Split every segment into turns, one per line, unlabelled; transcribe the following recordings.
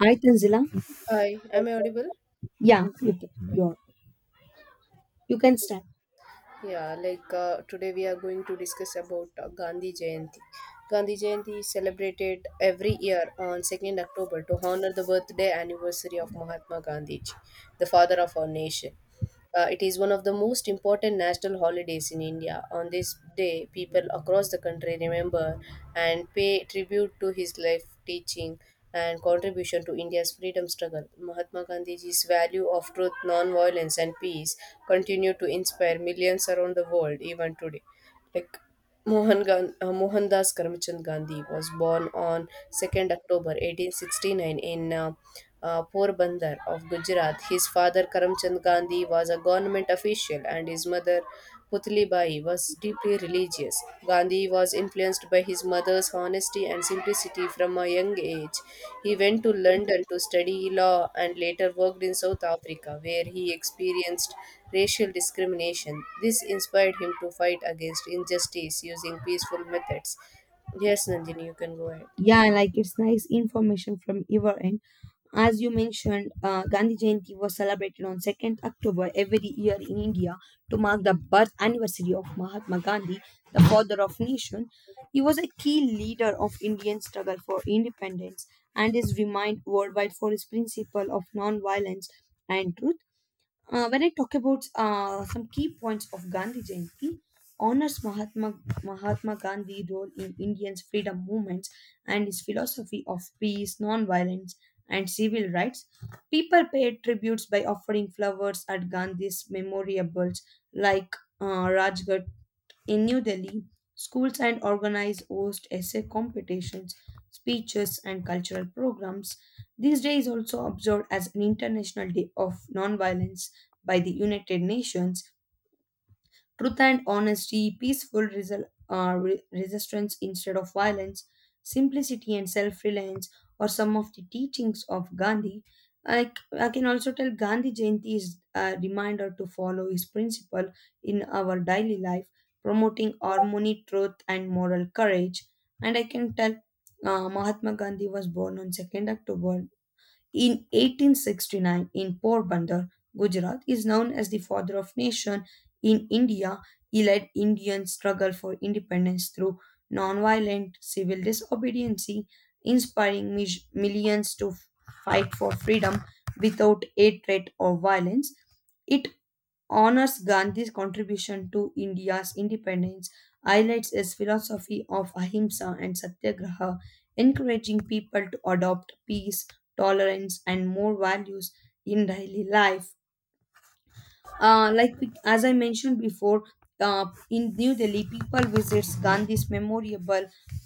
Hi, Tanzila.
Hi, am I audible?
Yeah, you can, you can start.
Yeah, today we are going to discuss about Gandhi Jayanti. Gandhi Jayanti is celebrated every year on 2nd October to honor the birthday anniversary of Mahatma Gandhi, the father of our nation. It is one of the most important national holidays in India. On this day, people across the country remember and pay tribute to his life, teaching, and contribution to India's freedom struggle. Mahatma Gandhiji's value of truth, non-violence, and peace continue to inspire millions around the world even today. Like Mohandas Karamchand Gandhi was born on 2nd October 1869 in Porbandar of Gujarat. His father, Karamchand Gandhi, was a government official, and his mother, Putli Bai, was deeply religious. Gandhi was influenced by his mother's honesty and simplicity from a young age. He went to London to study law and later worked in South Africa, where he experienced racial discrimination. This inspired him to fight against injustice using peaceful methods. Yes, Nandini, you can go ahead.
Yeah, like it's nice information from your end. As you mentioned, Gandhi Jayanti was celebrated on 2nd October every year in India to mark the birth anniversary of Mahatma Gandhi, the father of nation. He was a key leader of Indian struggle for independence and is renowned worldwide for his principle of non-violence and truth. When I talk about some key points of Gandhi Jayanti, honors Mahatma Gandhi's role in Indian's freedom movements and his philosophy of peace, non-violence, and civil rights. People paid tributes by offering flowers at Gandhi's memorials like Rajghat in New Delhi, schools and organized host essay competitions, speeches, and cultural programs. This day is also observed as an International Day of Nonviolence by the United Nations. Truth and honesty, resistance instead of violence, simplicity and self reliance are some of the teachings of Gandhi. I, I can also tell Gandhi Jayanti is a reminder to follow his principle in our daily life, promoting harmony, truth, and moral courage. And I can tell Mahatma Gandhi was born on 2nd October in 1869, in Porbandar, Gujarat, is known as the father of nation. In India, he led Indian struggle for independence through nonviolent civil disobedience, inspiring millions to fight for freedom without hatred or violence. It honors Gandhi's contribution to India's independence, highlights his philosophy of ahimsa and satyagraha, encouraging people to adopt peace, tolerance, and more values in daily life, like we, as I mentioned before, in New Delhi, people visits Gandhi's memorial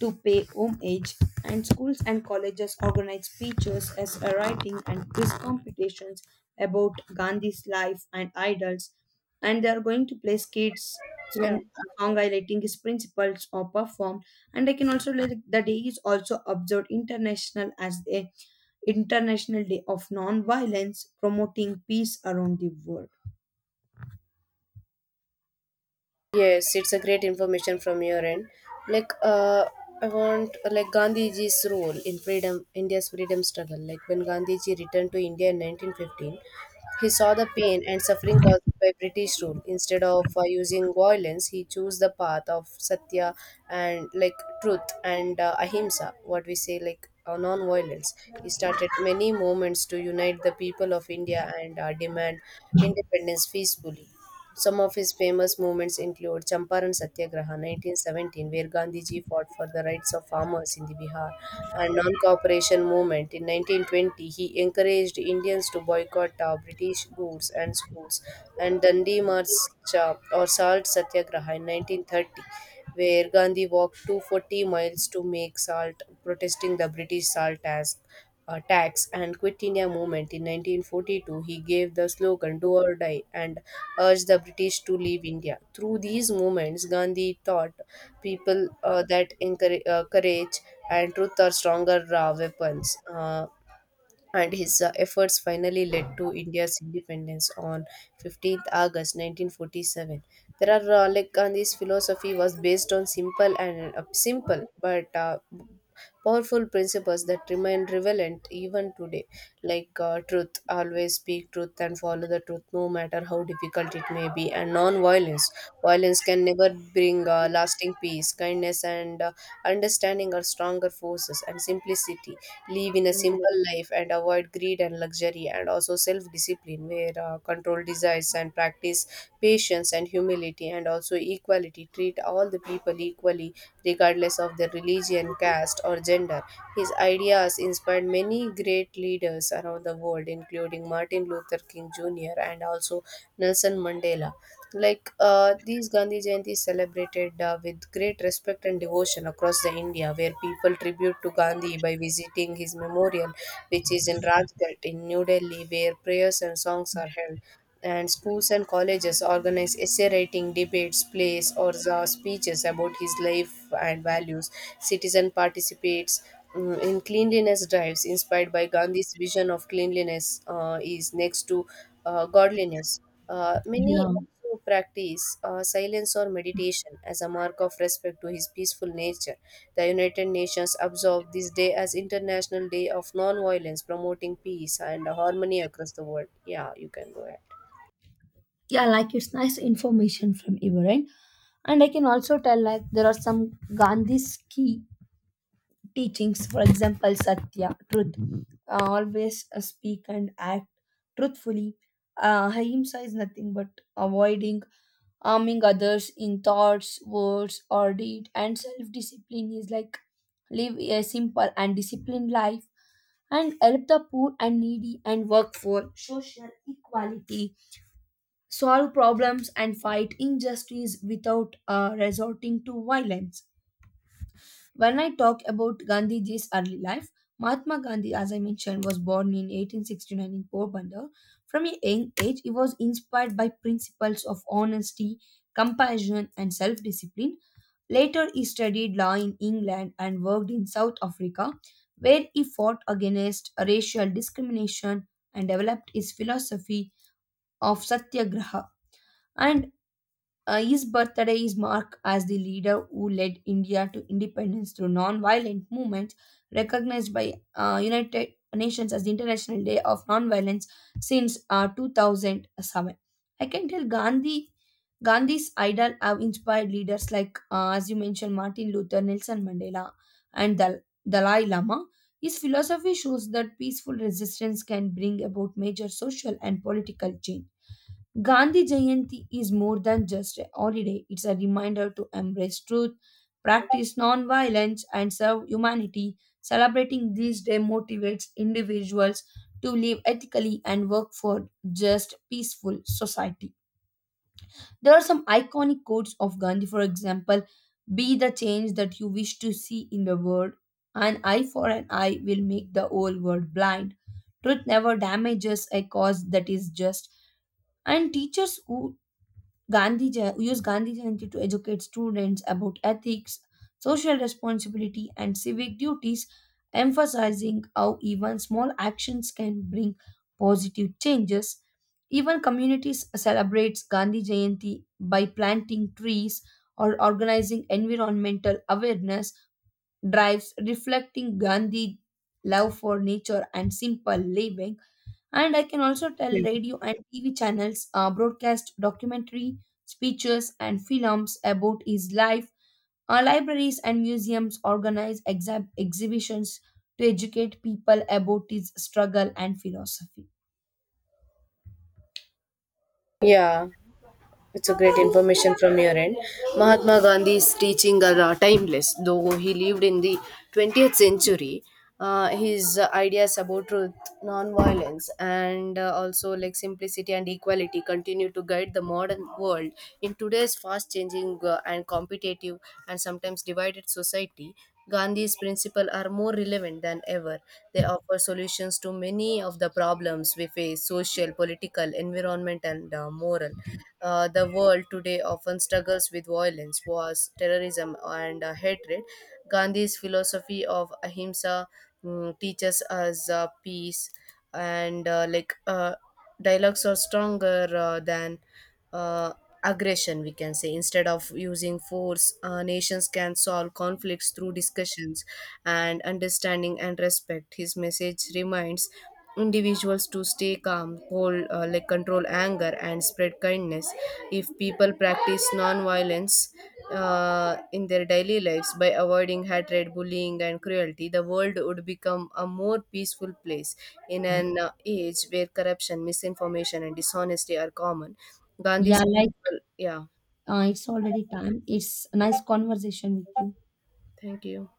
to pay homage, and schools and colleges organize speeches as a writing and quiz competitions about Gandhi's life and idols, and they are going to play skits. Some
Yeah.
song highlighting his principles or performed. And I can also like the day is also observed international as a international day of non-violence promoting peace around the world.
Yes, it's a great information from your end. Like, I want like Gandhiji's role in freedom, India's freedom struggle. Like when Gandhiji returned to India in 1915, he saw the pain and suffering caused by British rule. Instead of using violence, he chose the path of satya and truth and ahimsa. What we say, non-violence. He started many movements to unite the people of India and demand independence peacefully. Some of his famous movements include Champaran Satyagraha 1917, where Gandhiji fought for the rights of farmers in the Bihar, and non-cooperation movement. In 1920, he encouraged Indians to boycott British goods and schools, and Dandi March or Salt Satyagraha in 1930, where Gandhi walked 240 miles to make salt, protesting the British salt tax and Quit India movement in 1942, he gave the slogan "Do or Die" and urged the British to leave India. Through these movements, Gandhi taught people that courage and truth are stronger weapons. And his efforts finally led to India's independence on 15th August 1947. There are like Gandhi's philosophy was based on simple but powerful principles that remain relevant even today, truth, always speak truth and follow the truth, no matter how difficult it may be, and non-violence. Violence can never bring lasting peace, kindness, and understanding are stronger forces, and simplicity, live in a simple life and avoid greed and luxury, and also self discipline, where control desires and practice patience and humility, and also equality, treat all the people equally regardless of their religion, caste, or gender. His ideas inspired many great leaders around the world, including Martin Luther King Jr. and also Nelson Mandela. Like these Gandhi Jayanti is celebrated with great respect and devotion across the India, where people tribute to Gandhi by visiting his memorial, which is in Rajghat in New Delhi, where prayers and songs are held, and schools and colleges organize essay writing, debates, plays, or the speeches about his life and values. Citizen participates, in cleanliness drives inspired by Gandhi's vision of cleanliness is next to godliness. Many
Yeah,
also practice silence or meditation as a mark of respect to his peaceful nature. The United Nations observed this day as International Day of Non-Violence, promoting peace and harmony across the world. Yeah, you can go ahead.
yeah, like it's nice information from you, right? And I can also tell like there are some Gandhi's key teachings, for example, satya truth. Always speak and act truthfully. Ahimsa is nothing but avoiding harming others in thoughts, words, or deed, and self-discipline is like live a simple and disciplined life and help the poor and needy and work for social equality, solve problems and fight injustice without resorting to violence. When I talk about Gandhiji's early life, Mahatma Gandhi, as I mentioned, was born in 1869 in Porbandar. From a young age, he was inspired by principles of honesty, compassion, and self discipline. Later, he studied law in England and worked in South Africa, where he fought against racial discrimination and developed his philosophy of Satyagraha. And his birthday is marked as the leader who led India to independence through non-violent movements, recognized by United Nations as the International Day of Non-Violence since 2007. I can tell Gandhi's idol have inspired leaders like, as you mentioned, Martin Luther, Nelson Mandela, and Dalai Lama. His philosophy shows that peaceful resistance can bring about major social and political change. Gandhi Jayanti is more than just a holiday, it's a reminder to embrace truth, practice non-violence, and serve humanity. Celebrating this day motivates individuals to live ethically and work for just peaceful society. There are some iconic quotes of Gandhi, for example, be the change that you wish to see in the world. An eye for an eye will make the whole world blind. Truth never damages a cause that is just. And teachers who use Gandhi Jayanti to educate students about ethics, social responsibility, and civic duties, emphasizing how even small actions can bring positive changes. Even communities celebrates Gandhi Jayanti by planting trees or organizing environmental awareness drives reflecting Gandhi love for nature and simple living. And I can also tell radio and TV channels broadcast documentary, speeches, and films about his life. Our libraries and museums organize exhibitions to educate people about his struggle and philosophy.
Yeah. It's a great information from your end. Mahatma Gandhi's teaching are timeless, though he lived in the 20th century. His ideas about truth, non-violence, and also like simplicity and equality continue to guide the modern world in today's fast-changing and competitive and sometimes divided society. Gandhi's principles are more relevant than ever. They offer solutions to many of the problems we face: social, political, environmental, and moral. The world today often struggles with violence, wars, terrorism, and hatred. Gandhi's philosophy of ahimsa, teaches us peace, and dialogues are stronger than. Uh, aggression, we can say. Instead of using force, nations can solve conflicts through discussions and understanding and respect. His message reminds individuals to stay calm, hold, control anger, and spread kindness. If people practice non-violence in their daily lives by avoiding hatred, bullying, and cruelty, the world would become a more peaceful place. In an age where corruption, misinformation, and dishonesty are common,
Yeah,
Gandhi's,
like
well, yeah.
it's already time. It's a nice conversation with you.
Thank you.